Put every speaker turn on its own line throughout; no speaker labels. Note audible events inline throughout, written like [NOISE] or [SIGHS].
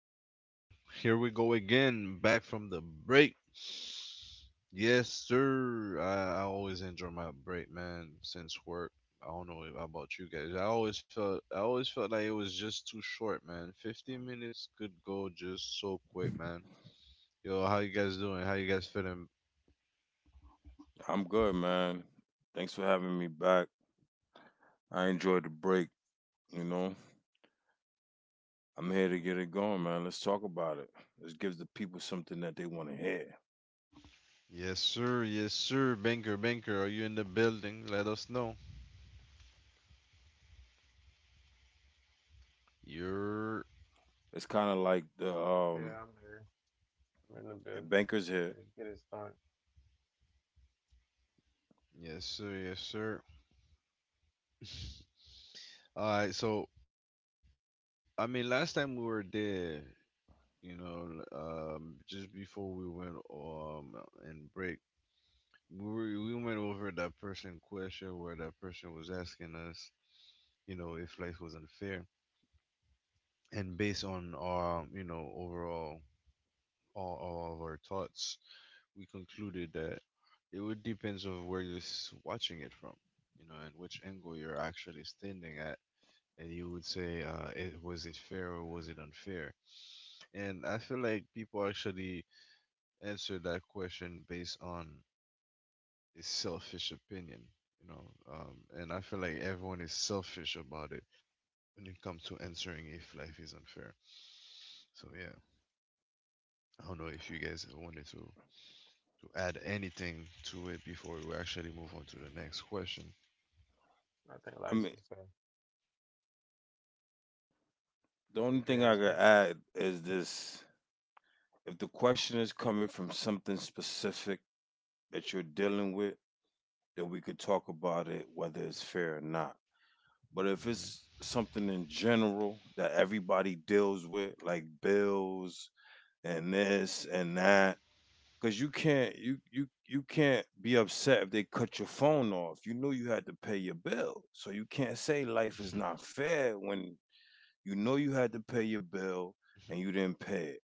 yo. Here we go again, back from the break. Yes, sir. I always enjoy my break, man, since work. I don't know about you guys. I always felt like it was just too short, man. 15 minutes could go just so quick, man. Yo, how you guys doing? How you guys feeling?
I'm good, man. Thanks for having me back. I enjoyed the break, you know. I'm here to get it going, man. Let's talk about it. Let's give the people something that they want to hear.
Yes, sir. Yes, sir. Banker, banker, are you in the building? Let us know. You're.
It's kind of like the
Yeah, I'm here. I'm in the
your
building.
bankers here.
Let's get it started.
Yes, sir. Yes, sir. All right. So, I mean, last time we were there, just before we went and break, we went over that person question where that person was asking us, you know, if life was unfair, and based on our, you know, overall all of our thoughts, we concluded that it would depends of where watching it from, you know, and which angle you're actually standing at. And you would say, was it fair or was it unfair? And I feel like people actually answer that question based on is selfish opinion, you know. And I feel like everyone is selfish about it when it comes to answering if life is unfair. So yeah, I don't know if you guys wanted to add anything to it before we actually move on to the next question.
I think
I
life
mean,
is fair.
the only
If you
thing I
ask
could
me,
add is this: if the question is coming from something specific that you're dealing with, then we could talk about it, whether it's fair or not. But if
Mm-hmm.
it's something in general that everybody deals with, like bills, and this and that, because you can't be upset if they cut your phone off. You knew you had to pay your bill, so you can't say life is not fair when you know you had to pay your bill and you didn't pay it.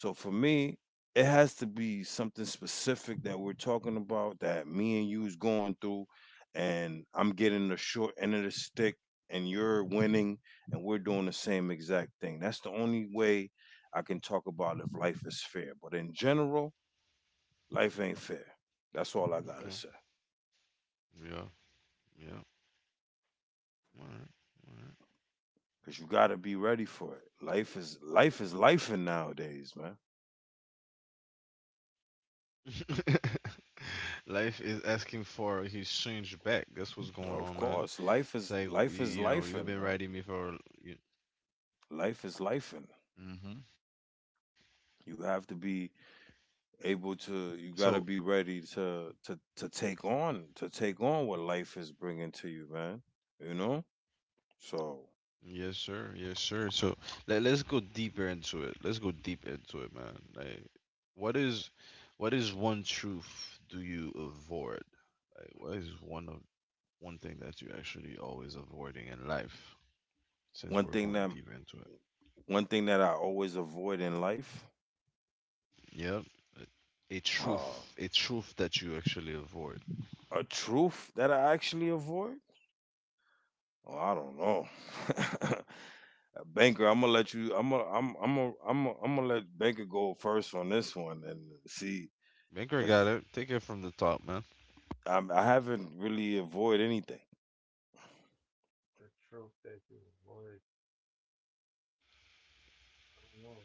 So for me, it has to be something specific that we're talking about, that me and you is going through, and I'm getting the short end of the stick, and you're winning, and we're doing the same exact thing. That's the only way I can talk about if life is fair. But in general, life ain't fair. That's all I gotta
Okay.
say.
Yeah. Yeah. All
Cause you gotta be ready for it. Life is life in nowadays, man.
right. All right. [LAUGHS] Life is asking for his change back. That's what's going on, man. It's like we,
Of
you
course,
know, you've
life
been
is
writing me
life is
for.
life
You,
in, man. Life is
hmm
life in. You have to be
so.
able to you got to be ready to take on what life is bringing to you, man, you know.
Yes, sir.
So
Yes, sir. So let's go deeper into it. Let's go deep into it, man. Like, what is, what is one truth do you avoid? Like, what is one thing that you actually always avoiding in life? Since we're
one
going
thing
deep
that
into it.
one thing that I always avoid in life,
Yep. A, a
uh,
truth, a truth that you actually avoid.
a truth that I actually avoid. Oh, I don't know. [LAUGHS] Banker, I'm gonna let you I'm gonna I'm ai am I'm am gonna let Banker go first on this one and see,
Banker got
because
it. Take it from the top, man.
I haven't really avoid anything.
the truth that you avoid, I don't know.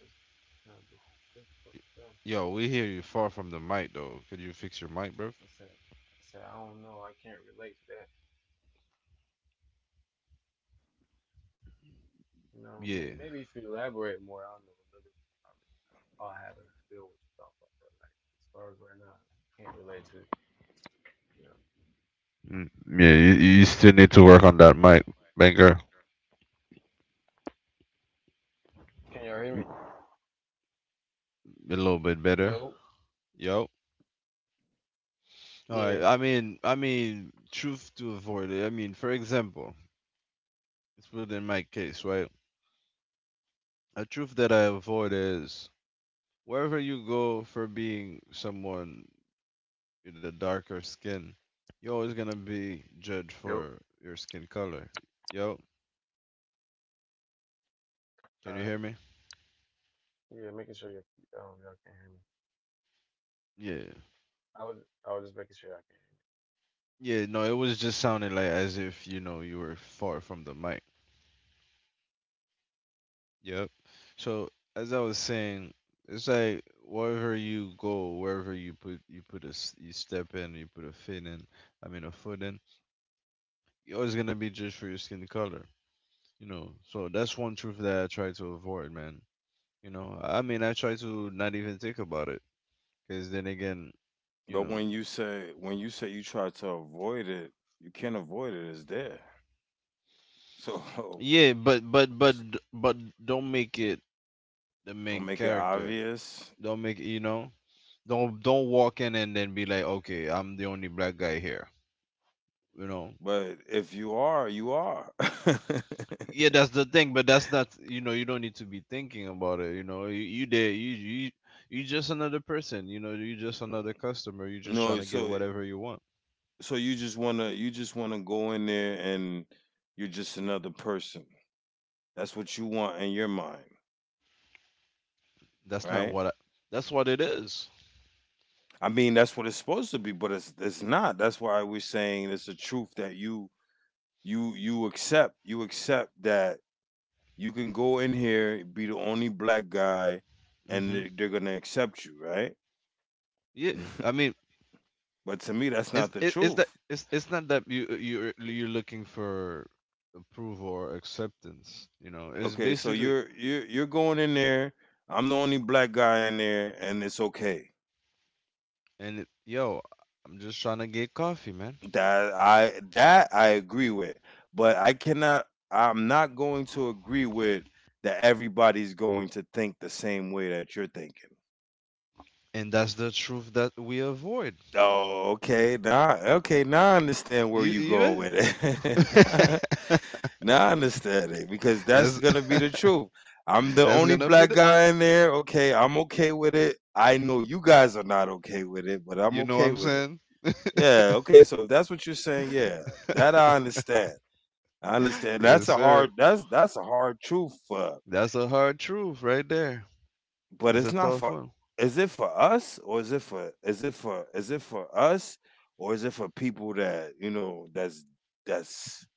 It's kind of difficult to do.
Yo, we hear you far from the mic though. Could you fix your mic, bro?
I said, I don't know. I can't relate to that. You know,
Yeah.
maybe if you elaborate more, I'll know a little bit. I mean, I- I'll have an idea what you're talking about. But like, as far as right now, I can't relate to it. You know,
Mm. Yeah,
you're
you,
running
you
away from
still need
the
to
truth.
work on that mic, Banger.
Can y'all hear
Mm,
me?
a little bit better.
Yo.
Yo. All
Yeah.
right. I mean, truth to avoid it. I mean, for example, let's put in my case, right? A truth that I avoid is wherever you go for being someone with a darker skin, you're always gonna be judged
Yo.
for your skin color. Yo,
All
can
right.
you hear me?
Yeah, making sure you y'all can hear me.
Yeah.
I was I was just making sure I
Yeah. No, it was just sounding like as if you know you were far from the mic. Yep. So as I was saying, it's like wherever you go, wherever you put you put you step in, you put a foot in. I mean a foot in. You're always gonna be judged for your skin color. You know. So that's one truth that I try to avoid, man. You know. I mean, I try to not even think about it, cause then again, you
But
know.
when you say you try to avoid it, you can't avoid it. It's there. So
Yeah, but
[LAUGHS]
don't make it the main
don't make it
character.
obvious.
Don't make it, you know. Don't walk in and then be like, okay, I'm the only black guy here you know
But if you are, you are. [LAUGHS]
yeah, that's the thing, but that's not, you know, you don't need to be thinking about it, you know, you just another person, you know, you just another customer, you just trying
No,
to get
so
whatever you want.
so you just wanna go in there and you're just another person. That's what you want in your mind,
That's not
right?
what I, that's what it.
I mean, that's what it's supposed to be, but it's not. That's why we're saying it's a truth that you accept. You accept that you can go in here, be the only black guy, and
Mm-hmm.
they're gonna accept you, right?
Yeah, I mean,
But to me, that's not
it's
the
it, it's that
truth.
it's not that you're looking for approval or acceptance, you know, it's
Okay, so
basically.
you're going in there. I'm the only black guy in there, and it's okay.
And it, yo, I'm just trying to get coffee, man.
That I agree with, but I cannot. I'm not going to agree with that. Everybody's going to think the same way that you're thinking.
And that's the truth that we avoid.
Oh, okay, now I understand where
you,
you're going
you
with it. [LAUGHS]
[LAUGHS]
Now I understand it, because that's
That's
gonna be the
[LAUGHS]
truth. I'm the
that's
only
gonna be
black
the,
guy in there. Okay, I'm okay with it. I know you guys are not okay with it, but I'm
you know what
okay
I'm
with it.
saying?
Yeah, okay. So if that's what you're saying, yeah, that I understand. I understand.
Yes,
That's a
sir.
hard. That's a hard truth for.
That's a hard truth right there.
But
It's
it's
a
not
tough
for.
one.
Is it for us or is it for? Is it for? Is it for us or is it for people that, you know, that's that's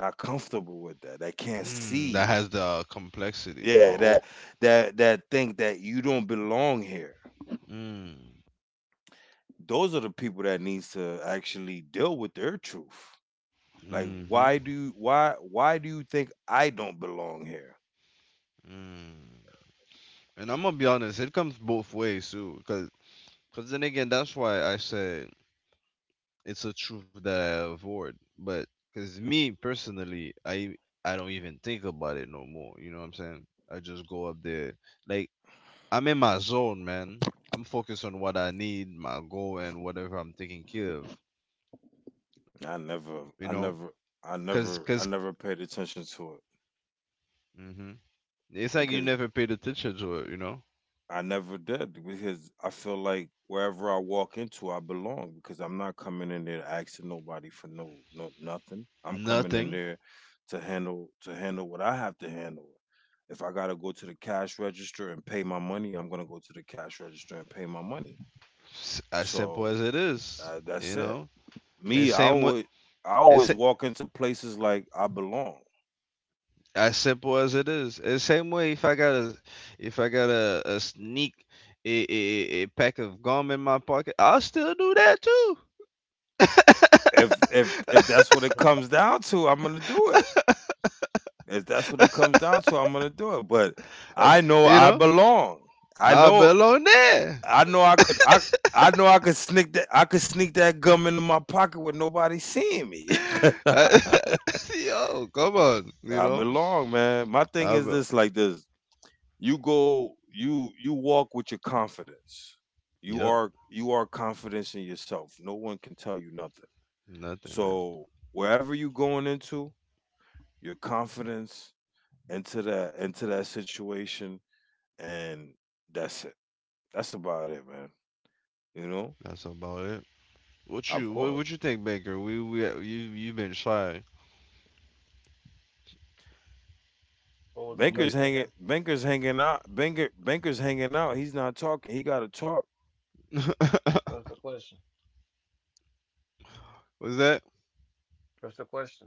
not comfortable with that, that can't
Mm, that
see.
has the complexity, or
Yeah,
oh.
that that think that you don't belong here.
Mm.
Those are the people that needs to actually deal with their truth. Like
Mm-hmm.
why do you, why do you think I don't belong here?
Mm. And I'm gonna be honest, it comes both ways too, cause then again, that's why I say it's a truth that I avoid. But cause me personally, I don't even think about it no more. You know what I'm saying? I just go up there. Like I'm in my zone, man. I'm focused on what I need, my goal, and whatever I'm taking care of. You
I
know,
never I
cause,
never I never paid attention to it,
because hmm it's like you
because
never paid attention to it. You know,
I never did, because I feel like wherever I walk into, I belong, because I'm not coming in there asking nobody for no nothing. I'm coming in
nothing.
there to handle what I have to handle. If I gotta go to the cash register and pay my money, I'm gonna go to the cash register and pay my money.
As simple as
So
it is. You
that's it.
know, and
Me,
same way,
I
it's
always
a-
walk into places like I belong.
as simple as it is. And same way, if I got a a sneak a pack of gum in my pocket, I'll still do that too.
If that's
can.
what it
[LAUGHS]
comes down to, I'm gonna do it. If that's what it comes down to, I'm gonna do it. But
Uh,
I know
you
I
know,
belong. I
I'll
know
belong there.
I know I know I could sneak that gum into my pocket with nobody seeing me. [LAUGHS]
[LAUGHS] Yo, come on, you
I
know.
belong, man. My thing
I
is
will.
this, like this. You go you walk with your confidence. You
Yep,
are you are confidence in yourself. No one can tell you nothing.
nothing, man.
So wherever you going into, your confidence into that situation, and that's it. That's about it, man. You know,
That's about it.
of course,
What you think, Baker? We you've been shy.
What was the
You
Banker's
been
question
hanging.
again?
Banker's hanging out. Banker, Banker's hanging out. He's not talking. He got to talk.
What's the question?
was that?
What's the question?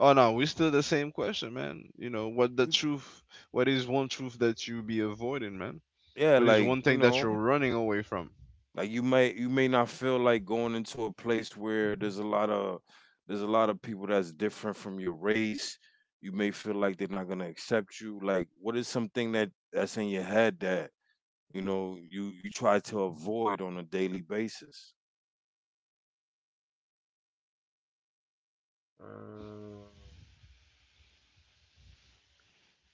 Oh no, we still the same question, man. You know what the truth? What is one truth that you be avoiding, man?
Yeah,
What is
like,
one
you
thing that you're
know,
running away from?
like you may not feel like going into a place where there's a lot of people that's different from your race. You may feel like they're not gonna accept you. Like, what is something that that's in your head that, you know, you try to avoid on a daily basis?
Um,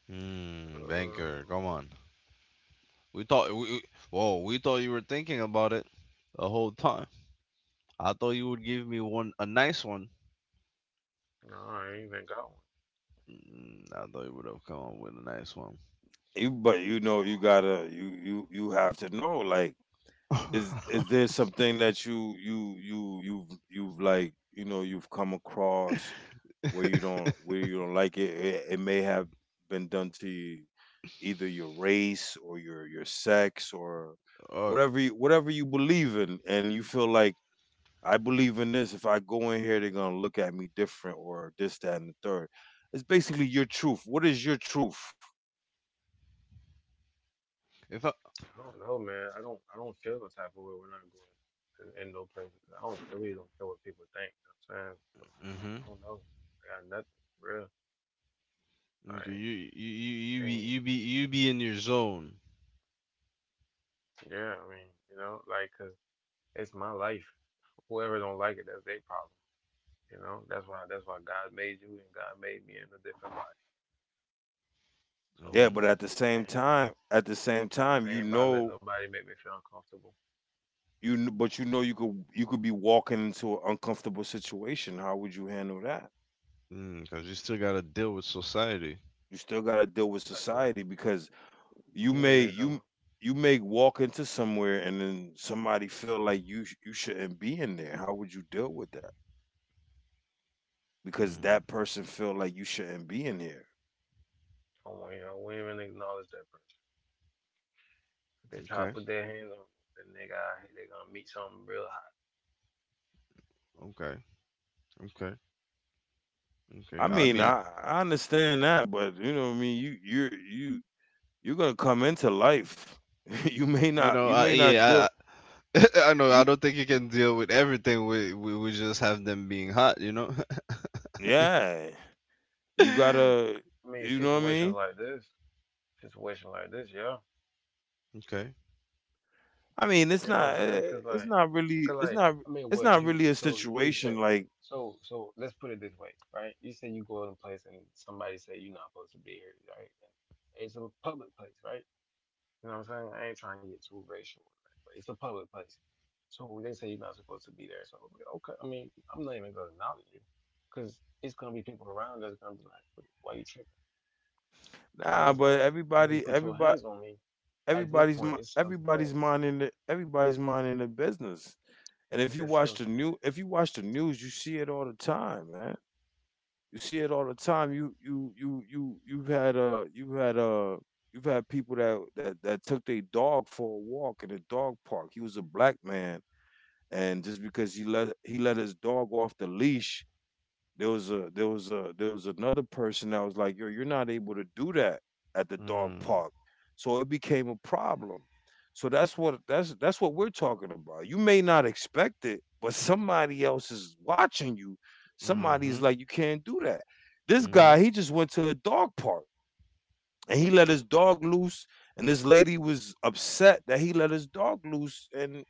um,
Baker, come on. We thought we- Whoa, we thought you were thinking about it the whole time. I thought you would give me one a nice one.
no, I ain't even got one.
I thought you would have come up with a nice one.
You but you know you gotta you have to know, like, is
[LAUGHS]
there something that you've like, you know, you've come across where you don't like, it it may have been done to you, either your race or your sex or
Or
whatever you believe in, and you feel like I believe in this, if I go in here they're going to look at me different or this that and the third. It's basically your truth. What is your truth?
if I,
I don't know, man. I don't feel the type of way when I go in no place. I really don't care what people think. You know what I'm saying, so
mm-hmm.
I don't know. I got nothing real.
Okay,
Like,
you
ain't
be in your zone.
yeah. I mean, you know, 'cause it's my life. Whoever don't like it, that's their problem. You know, that's why God made you and God made me in a different body. So.
Yeah,
Mm-hmm.
but at the same
I ain't, I ain't,
time,
I
you
ain't about to let
know,
nobody make me feel uncomfortable.
you kn but you know you could be walking into an uncomfortable situation. How would you handle that?
Cause you still gotta deal with society.
You still gotta deal with
Like what?
society because you
Give me an
may you
example.
you may walk into somewhere and then somebody feel like you shouldn't be in there. How would you deal with that? Because
Mm,
that person feel like you shouldn't be in here.
Come on, y'all. We ain't even acknowledge that person. If they try to
okay,
put their hands on the nigga out they gonna meet something real hot.
okay, okay,
I
okay. I
mean,
mean,
I understand that, but you know what I mean? You you're gonna come into life. [LAUGHS] You may
you
not
know,
deal
yeah, [LAUGHS] I know. I
you.
don't think you can deal with everything. We just have them being hot, you know.
Yeah, you gotta,
[LAUGHS]
I mean,
you know what I mean.
situations like this, yeah.
Okay.
I mean, it's
You know what I'm
not,
saying? Cause like, cause like, I mean,
it's
what
not
you?
really a
So you
situation
expect?
like
So so let's put it this way, right? You say you go in a place and somebody say you're not supposed to be here, right? And it's a public place, right? You know what I'm saying? I ain't trying to get too racial, right? But it's a public place. So they say you're not supposed to be there. So I'm like, okay, I mean, I'm not even gonna acknowledge you, because it's gonna be people around that's gonna be like, "What- Why you tripping?" You know
nah.
what I'm
But
saying? And if you put your hands on me. At this point, it's self
everybody's
defense.
minding, everybody's minding the business. And if you
It's
watch
self
the
defense.
new, if you watch the news, you see it all the time, man. You see it all the time. You've had, you've had, you've had people that took their dog for a walk in a dog park. He was a black man, and just because he let his dog off the leash, there was a there was a there was another person that was like, "Yo, you're not able to do that at the dog
Mm,
park," so it became a problem. So that's what we're talking about. You may not expect it, but somebody else is watching you.
mm-hmm.
Somebody's like, "You can't do that." This
Mm-hmm.
guy, he just went to a dog park and he let his dog loose, and this lady was upset that he let his dog loose, and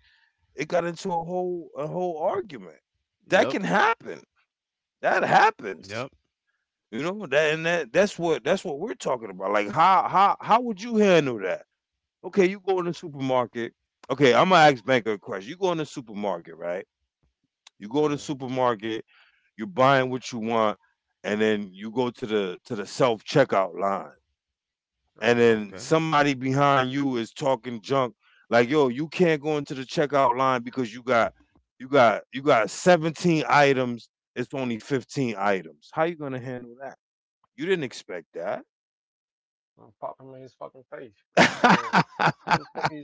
it got into a whole argument. That
Yep.
can happen. That happens.
Yep.
You know that, and that that's what we're talking about. Like, how would you handle that? Okay, you go in the supermarket. Okay, I'm gonna ask Banker a question. You go in the supermarket, right? You go in the
Uh,
supermarket. You're buying what you want, and then you go to the self checkout line, and
uh,
then
Okay.
somebody behind you is talking junk, like, yo, you can't go into the checkout line because you got 17 items, it's only 15 items. How you gonna handle that? You didn't expect that.
I'm popping him in his fucking face, nigga.
[LAUGHS]
Who the fuck is you?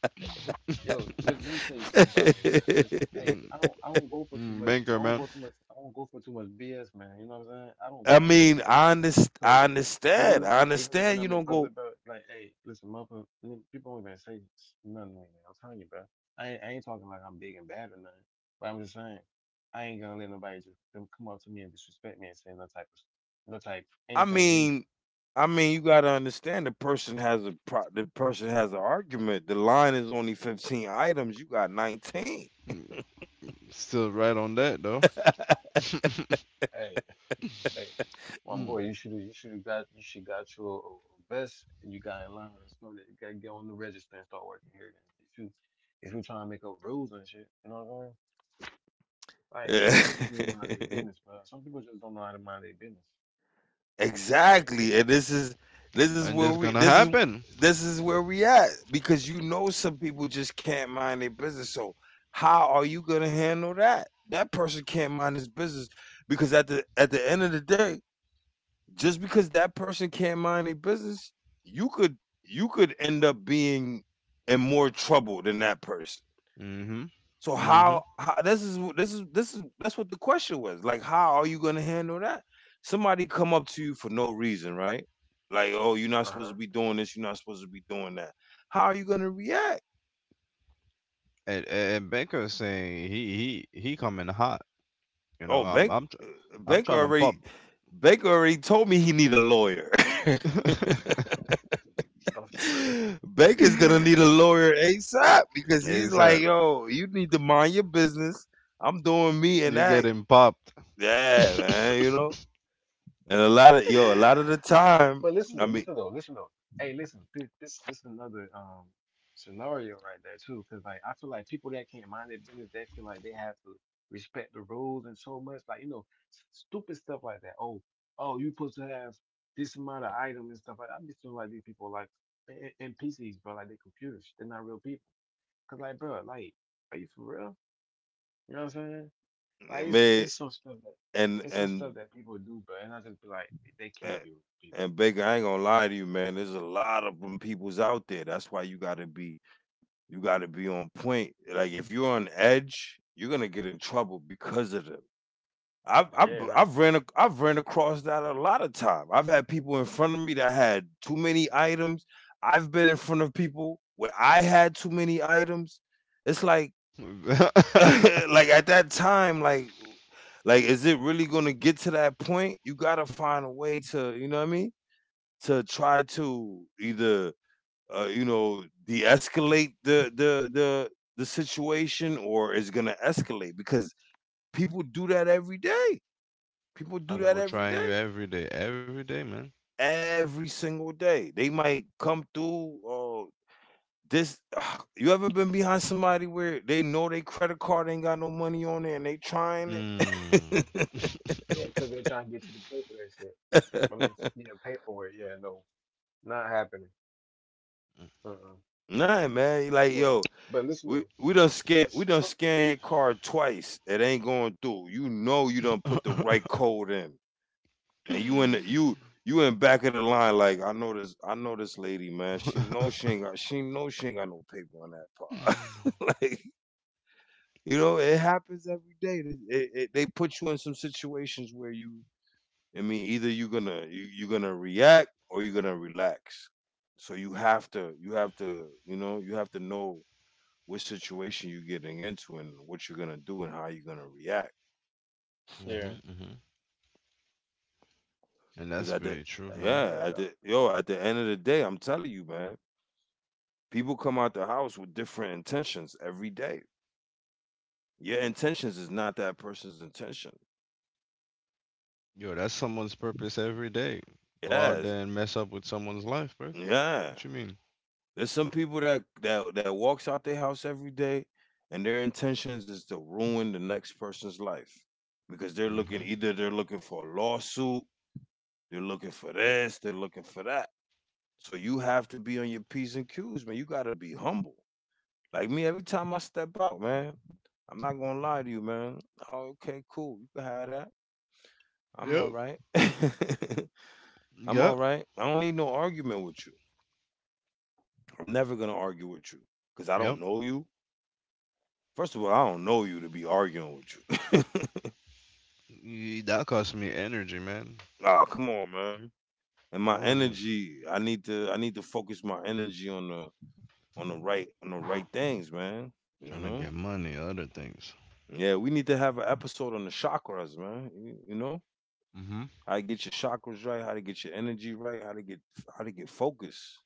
[LAUGHS] Yo, let me tell you something about me, man. Listen, hey, I don't go for too much. I
Banker
don't go
man.
too much. I don't go for too much BS, man. You know what I'm saying? I don't go
I
for that
mean,
BS, bro.
I, underst-
So
I
even when
understand, you
I'm in
don't go.
public, bro, like, hey, listen, motherfucker, people don't even say nothing to me, man. I'm telling you, bro. I ain't talking like I'm big and bad or nothing, but I'm just saying I ain't gonna let nobody just come up to me and disrespect me and say no type of no type
I
anything to me.
mean, you gotta understand, the person has a pro- the person has an argument, the line is only 15 items, you got 19.
Still right on that though.
Hey, [LAUGHS] hey, my
Mm.
boy, you should have got your vest and you got in line and stuff. That You gotta get on the register and start working here. Then if you trying to make up rules and shit, you know what I'm saying? Like some people just need to mind their
Yeah, [LAUGHS]
business, bro. Some people just don't know how to mind their business. Like,
exactly. And this is
And
where
that's
we
gonna
this is
happen.
where we at, because you know some people just can't mind their business. So how are you going to handle that? That person can't mind his business, because at the end of the day, just because that person can't mind their business, you could end up being in more trouble than that person.
Mm-hmm.
So
Mm-hmm.
how, this is this is this is that's what the question was. Like how are you going to handle that? Somebody come up to you for no reason, right? Like, "Oh, you're not
uh
supposed to
huh,
be doing this, you're not supposed to be doing that." How are you going to react?
And Baker is saying he coming hot. You know,
Oh,
I'm
Bank
I'm tr-
uh,
I'm
Baker
trying to
already
pop.
Baker already told me he need a lawyer. [LAUGHS]
[LAUGHS]
off the rip.
Baker's going to need a lawyer ASAP because he's like,
ASAP.
"Yo, you need to mind your business. I'm doing me and
You
that."
getting popped.
Yeah, man, you
[LAUGHS]
know? And a lot of
All
yo, a lot
right,
of the
that's it.
time,
But
I mean,
listen though. Hey, listen, this another scenario right there too, because like I feel like people that can't mind their business, they feel like they have to respect the rules and so much, like you know, s- stupid stuff like that. Oh, oh, you supposed to have this amount of item and stuff like that. I just feel like these people like and NPCs, bro, like they computers, they're not real people. Cause like, bro, like, are you for real? You know what I'm saying? Like,
man,
it's some stuff that
and
it's some
and
stuff that people do, bro, and I just be like, they can't
and
be real people.
and Baker, I ain't gonna lie to you, man. There's a lot of them peoples out there. That's why you gotta be on point. Like if you're on edge, you're gonna get in trouble because of them. I've I've,
Yeah, nah,
I've
for
ran
real.
I've ran across that a lot of time. I've had people in front of me that had too many items. I've been in front of people where I had too many items. It's like [LAUGHS] like at that time, like, is it really gonna get to that point? You gotta find a way to, you know what I mean? To try to either, you know, de-escalate the situation, or it's gonna escalate because people do that every day. People
I
do
People
that
know.
every
trying you
day,
every day, man.
every single day. They might come through. This, [SIGHS] you ever been behind somebody where they know their credit card ain't got no money on it and they trying
Mm.
it? [LAUGHS]
Yeah, because they're trying to get you to pay for that shit. I mean, yeah, pay for it. Yeah, no, not happening. Uh-uh.
Nah, man. Like,
But,
yo,
but listen
We
though,
we done scan
so-
we done
so-
scan your card twice. It ain't going through. You know you done put the right
[LAUGHS]
code in, and you in the,
hmm
you in back of the line. Like I know this lady, man. She know she know she ain't got no paper on that part. [LAUGHS] Like you know it happens every day. It, they put you in some situations where you I mean either you're gonna you're gonna react or you're gonna relax. So you have to you know you have to know what situation you're getting into and what you're gonna do and how you're gonna react.
yeah,
hmm And that's
Because at the
pretty true,
nah, for
man.
yeah,
real
at
though.
the yo, at the end of the day, I'm telling you, man, people come out the house with different intentions every day. Your intentions is not that person's intention.
Yo, that's someone's purpose every day. Go out
Yes,
there and mess up with someone's life, bruv.
yeah.
What you mean?
There's some people that that walks out their house every day, and their intentions is to ruin the next person's life because they're
hmm
looking either they're looking for a lawsuit, they're looking for this, they're looking for that. So you have to be on your P's and Q's, man. You gotta be humble. Like me, every time I step out, man, I'm not gonna lie to you, man. Oh, okay, cool. You can have that. I'm all
Yep.
right. [LAUGHS] I'm all
Yep.
right. I don't need no argument with you. I'm never gonna argue with you because I
Yep.
don't know you. First of all, I don't know you to be arguing with you.
That costs me energy, man.
[LAUGHS] Ah, come on, man. And my
Well, I mean,
energy, I need to focus my energy on the right things, man. You
trying to
know.
get money, other things.
Yeah, we need to have an episode on the chakras, man. You know,
hmm
how to get your chakras right, how to get your energy right, how to get focus.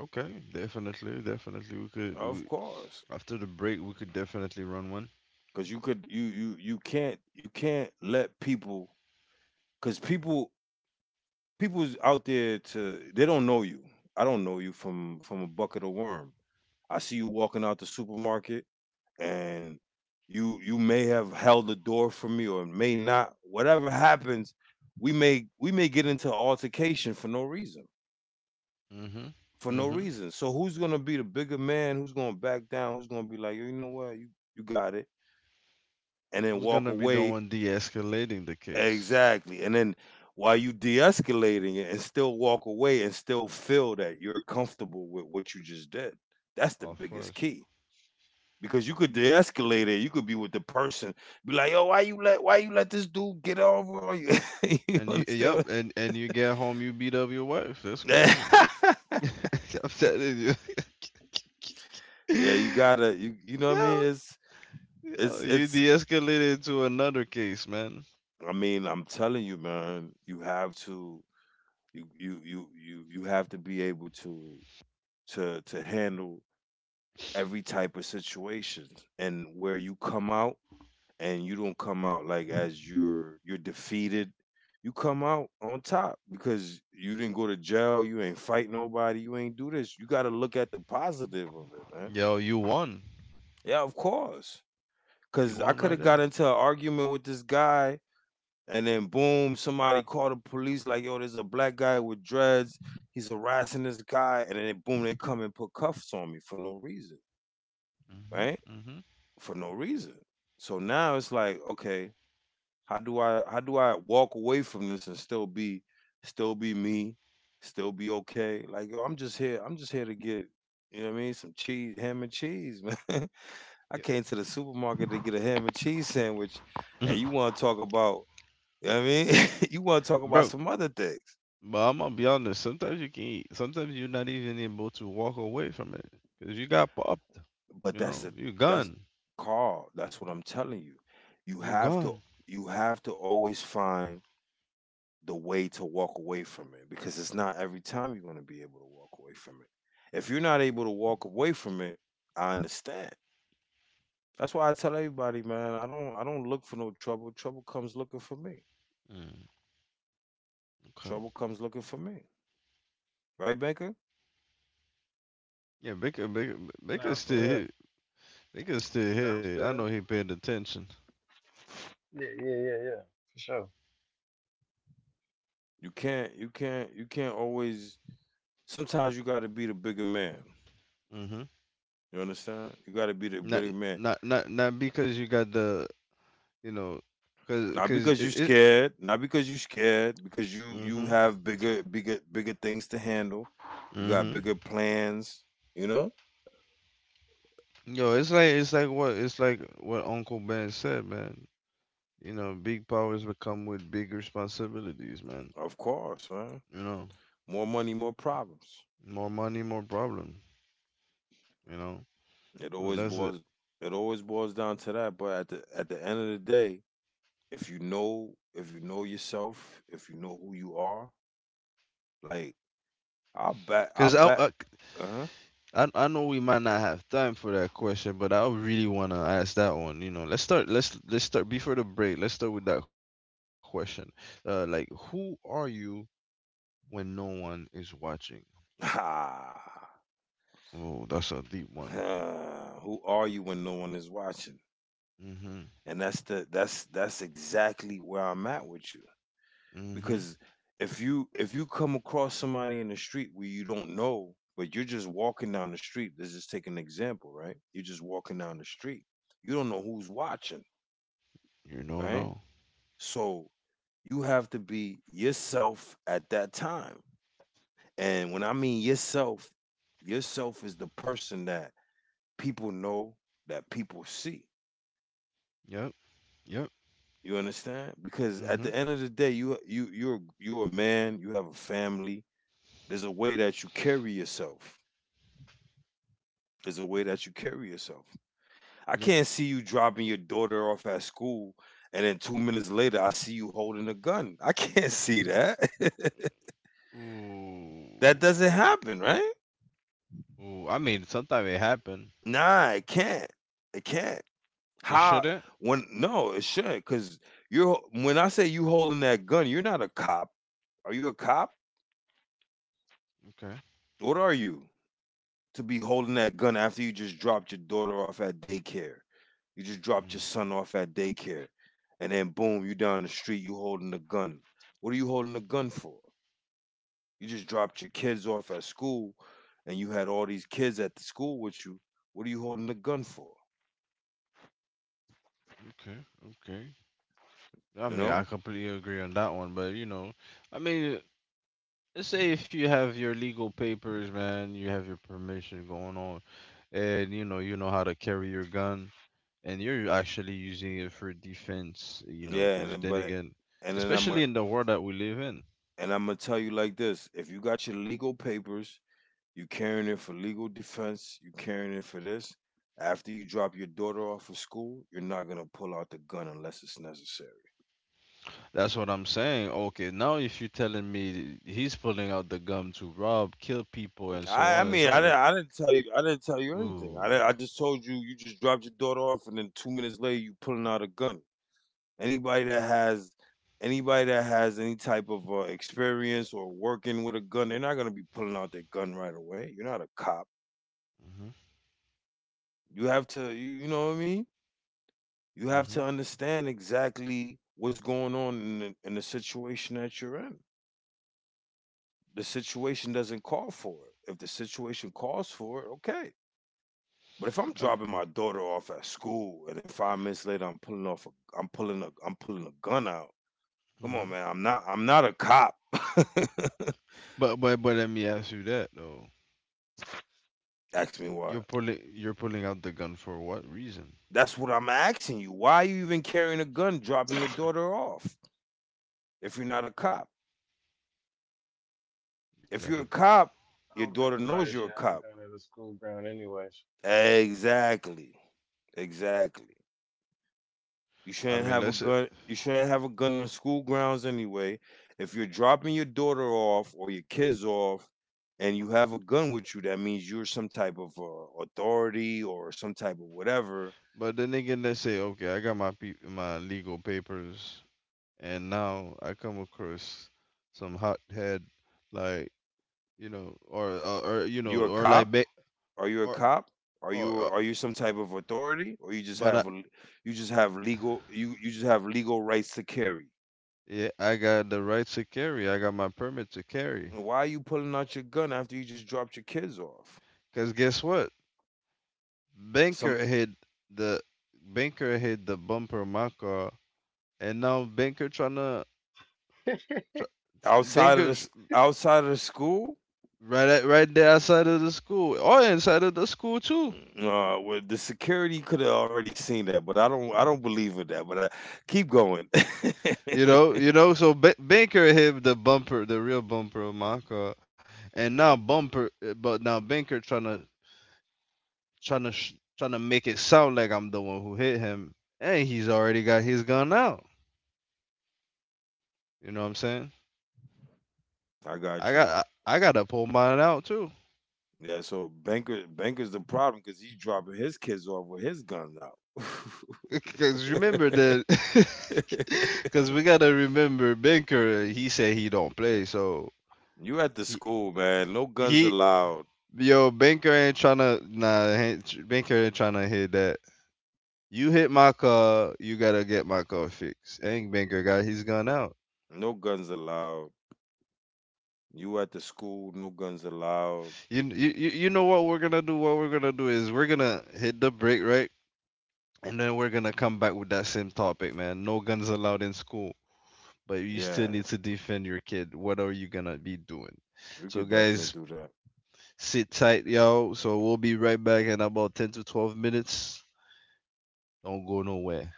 Okay, definitely, definitely.
Of course,
After the break, we could definitely run one.
because you you can't let people because people people's out there to they don't know you. I don't know you from a bucket of worm. I see you walking out the supermarket and you may have held the door for me or may not. Whatever happens, we may get into altercation for no reason
hmm
for no
hmm
reason. So who's gonna be the bigger man? Who's gonna back down? Who's gonna be like, you know what, you got it, and then
Who's
walk
gonna be the
away
one de-escalating the case?
exactly, and then while you de-escalating it and still walk away and still feel that you're comfortable with what you just did. That's the
Of
biggest
course.
key because you could de-escalate it. You could be with the person, be like, yo, why you let this dude get over on you? [LAUGHS] You
And you,
understand?
yep,
What
and you get home, you beat up your wife. That's crazy.
I-
[LAUGHS] I'm telling you. [LAUGHS]
[LAUGHS]
Yo,
yeah, you gotta you know what I mean? It's
yo,
it's
you
it's
de-escalated to another case, man.
I mean, I'm telling you, man, you have to you you have to be able to to handle every type of situation and where you come out and you don't come out like as you're defeated. You come out on top because you didn't go to jail, you ain't fight nobody, you ain't do this. You got to look at the positive of it, man.
Yo, you won.
Yeah, of course.
You
Cuz I
won
could
right
have
there.
got into an argument with this guy. And then boom, somebody called the police like, yo, there's a black guy with dreads. He's harassing this guy. And then boom, they come and put cuffs on me for no reason.
Mhm.
Right?
Mhm.
For no reason. So now it's like, okay, how do I walk away from this and still be me? Still be okay. Like, yo, I'm just here to get, you know what I mean, some cheese, ham and cheese, [LAUGHS] man. I
Yeah.
came to the supermarket to get a ham and cheese sandwich. And you
[LAUGHS]
wanna talk about you know what I mean? [LAUGHS] You want to talk about
Bro,
some other things,
but I'm gonna be honest. Sometimes you can eat. Sometimes you're not even able to walk away from it because you got popped.
but
You
that's
know,
the
you
that's
gone.
Carl. That's what I'm telling you. You
You
have to
gone.
you have to always find the way to walk away from it because it's not every time you're going to be able to walk away from it. If you're not able to walk away from it, I understand. That's why I tell everybody, man. I don't look for no trouble. Trouble comes looking for me.
Mm, okay.
Trouble comes looking for me. Right, Banker?
Yeah, Baker, Baker,
Nah,
Baker's
for
still
real.
here. Baker's still
Nah, I'm
here. I know
still.
he paid attention.
Yeah, yeah, yeah, yeah, for sure.
You can't you can't always. Sometimes you got to be the bigger man.
Mm-hmm.
You understand? You gotta be the
Not,
bigger man.
not because you got the, you know,
Not
because
because
it,
you're
it,
scared, not because you're scared, because you
Mhm.
have bigger bigger things to handle. You got
Mhm.
bigger plans, you know?
Yo, it's like what Uncle Ben said, man. You know, big powers become with big responsibilities, man.
Of course, man.
You know,
More money, more problems.
more money, more problem. You know,
It
so
always
that's it.
boils it always boils down to that. But at the end of the day, if you know yourself, if you know who you are, like I'll
Cause I
bet
I,
uh
I I know we might not have time for that question, but I really wanna ask that one. You know, let's start. Let's start before the break. Let's start with that question. Like, who are you when no one is watching?
huh.
Oh, that's a deep one.
[LAUGHS] Who are you when no one is watching?
Mhm.
And that's the that's exactly where I'm at with you
Mhm.
because if you come across somebody in the street where you don't know but you're just walking down the street, let's just take an example, right? You're just walking down the street, you don't know who's watching,
You don't
right?
know.
So you have to be yourself at that time, and when I mean yourself, yourself is the person that people know, that people see.
Yep. Yep.
You understand? Because at
Mhm.
the end of the day, you're you're a man. You have a family. There's a way that you carry yourself. There's a way that you carry yourself. I
Yep.
can't see you dropping your daughter off at school, and then 2 minutes later, I see you holding a gun. I can't [LAUGHS] see that. [LAUGHS]
Ooh.
That doesn't happen, right?
Ooh. I mean, sometimes it happen.
Nah, it can't. It can't.
It
How?
shouldn't.
When? No, it shouldn't. Because you're when I say you holding that gun, you're not a cop. Are you a cop?
Okay.
What are you? To be holding that gun after you just dropped your daughter off at daycare. You just dropped your
Mm.
son off at daycare. And then boom, you down the street, you holding the gun. What are you holding the gun for? You just dropped your kids off at school and you had all these kids at the school with you. What are you holding the gun for?
Okay. Okay. I
You
mean, I
know?
completely agree on that one, but you know, I mean, let's say if you have your legal papers, man, you have your permission going on, and you know how to carry your gun, and you're actually using it for defense, you know,
Yeah,
because then again,
and then I'm
especially
gonna
in the world that we live in,
and I'm gonna tell you like this: if you got your legal papers, you carrying it for legal defense. You carrying it for this. After you drop your daughter off of school, you're not gonna pull out the gun unless it's necessary.
that's what I'm saying. Okay, now if you're telling me he's pulling out the gun to rob, kill people, and so on and so on.
I didn't tell you, I didn't tell you anything.
Ooh.
I, didn't- I just told you, you just dropped your daughter off, and then 2 minutes later, you pulling out a gun. Anybody that has, anybody that has any type of experience or working with a gun, they're not gonna be pulling out their gun right away. You're not a cop.
Mhm.
You have to, you know what I mean? You have
Mhm.
to understand exactly what's going on in the situation that you're in. The situation doesn't call for it. If the situation calls for it, okay. But if I'm
Um,
dropping my daughter off at school and then 5 minutes later I'm pulling a gun out. Come on,
mhm.
man. I'm not a cop. [LAUGHS]
But let me ask you that though.
Ask me why.
You're pulling out the gun for what reason?
That's what I'm asking you. Why are you even carrying a gun,
I
dropping your daughter off if you're not a cop?
You
If
gotta
you're a
do.
cop, your
don't think
daughter
nobody
knows
should
you're a
have a
cop.
gun at a school ground, anyways.
Exactly. Exactly. You
I
shouldn't
mean,
have a gun. You shouldn't have a gun in the school grounds anyway. If you're dropping your daughter off or your kids off, and you have a gun with you, that means you're some type of authority or some type of whatever.
But then again, let's say okay, I got my my legal papers, and now I come across some hothead like, you know, or, you
You're
know,
a cop. Are you a
or
cop? Are you
or.
are you some type of authority, or you just
But I.
have a, you you just have legal rights to carry?
Yeah, I got the right to carry. I got my permit to carry.
Why are you pulling out your gun after you just dropped your kids off?
Cause guess what?
Some
Banker hit the Banker hit the bumper of my car, and now banker trying to
[LAUGHS]
outside of the
banker tr-
outside of the school,
right at, there outside of the school or inside of the school too.
mm, well, the security could have already seen that, but I don't believe in that. But I keep going.
You
[LAUGHS]
know, you know. So banker hit the bumper, the real bumper of my car, and now bumper, but now banker trying to sh- trying to make it sound like I'm the one who hit him, and he's already got his gun out. You know what I'm saying?
I got you.
Gotta pull mine out too,
Yeah, so banker's the problem because he's dropping his kids off with his guns out.
[LAUGHS] because remember that,
[LAUGHS]
[LAUGHS] because we gotta remember Banker. He said he don't play, so
You at the
he
school, man. No guns
he
allowed.
yo Banker ain't tryna nah ain't- Banker ain't tryna hit that. You hit my car, you gotta get my car fixed. Ain't Banker got his gun out.
No guns allowed. You at the school. No guns allowed.
You know what we're gonna do? What we're gonna do is we're gonna hit the break right, and then we're gonna come back with that same topic, man. No guns allowed in school. But you
Yeah,
still need to defend your kid. What are you gonna be doing?
we
So
could definitely
guys,
do that.
sit tight, y'all. So we'll be right back in about 10 to 12 minutes. Don't go nowhere.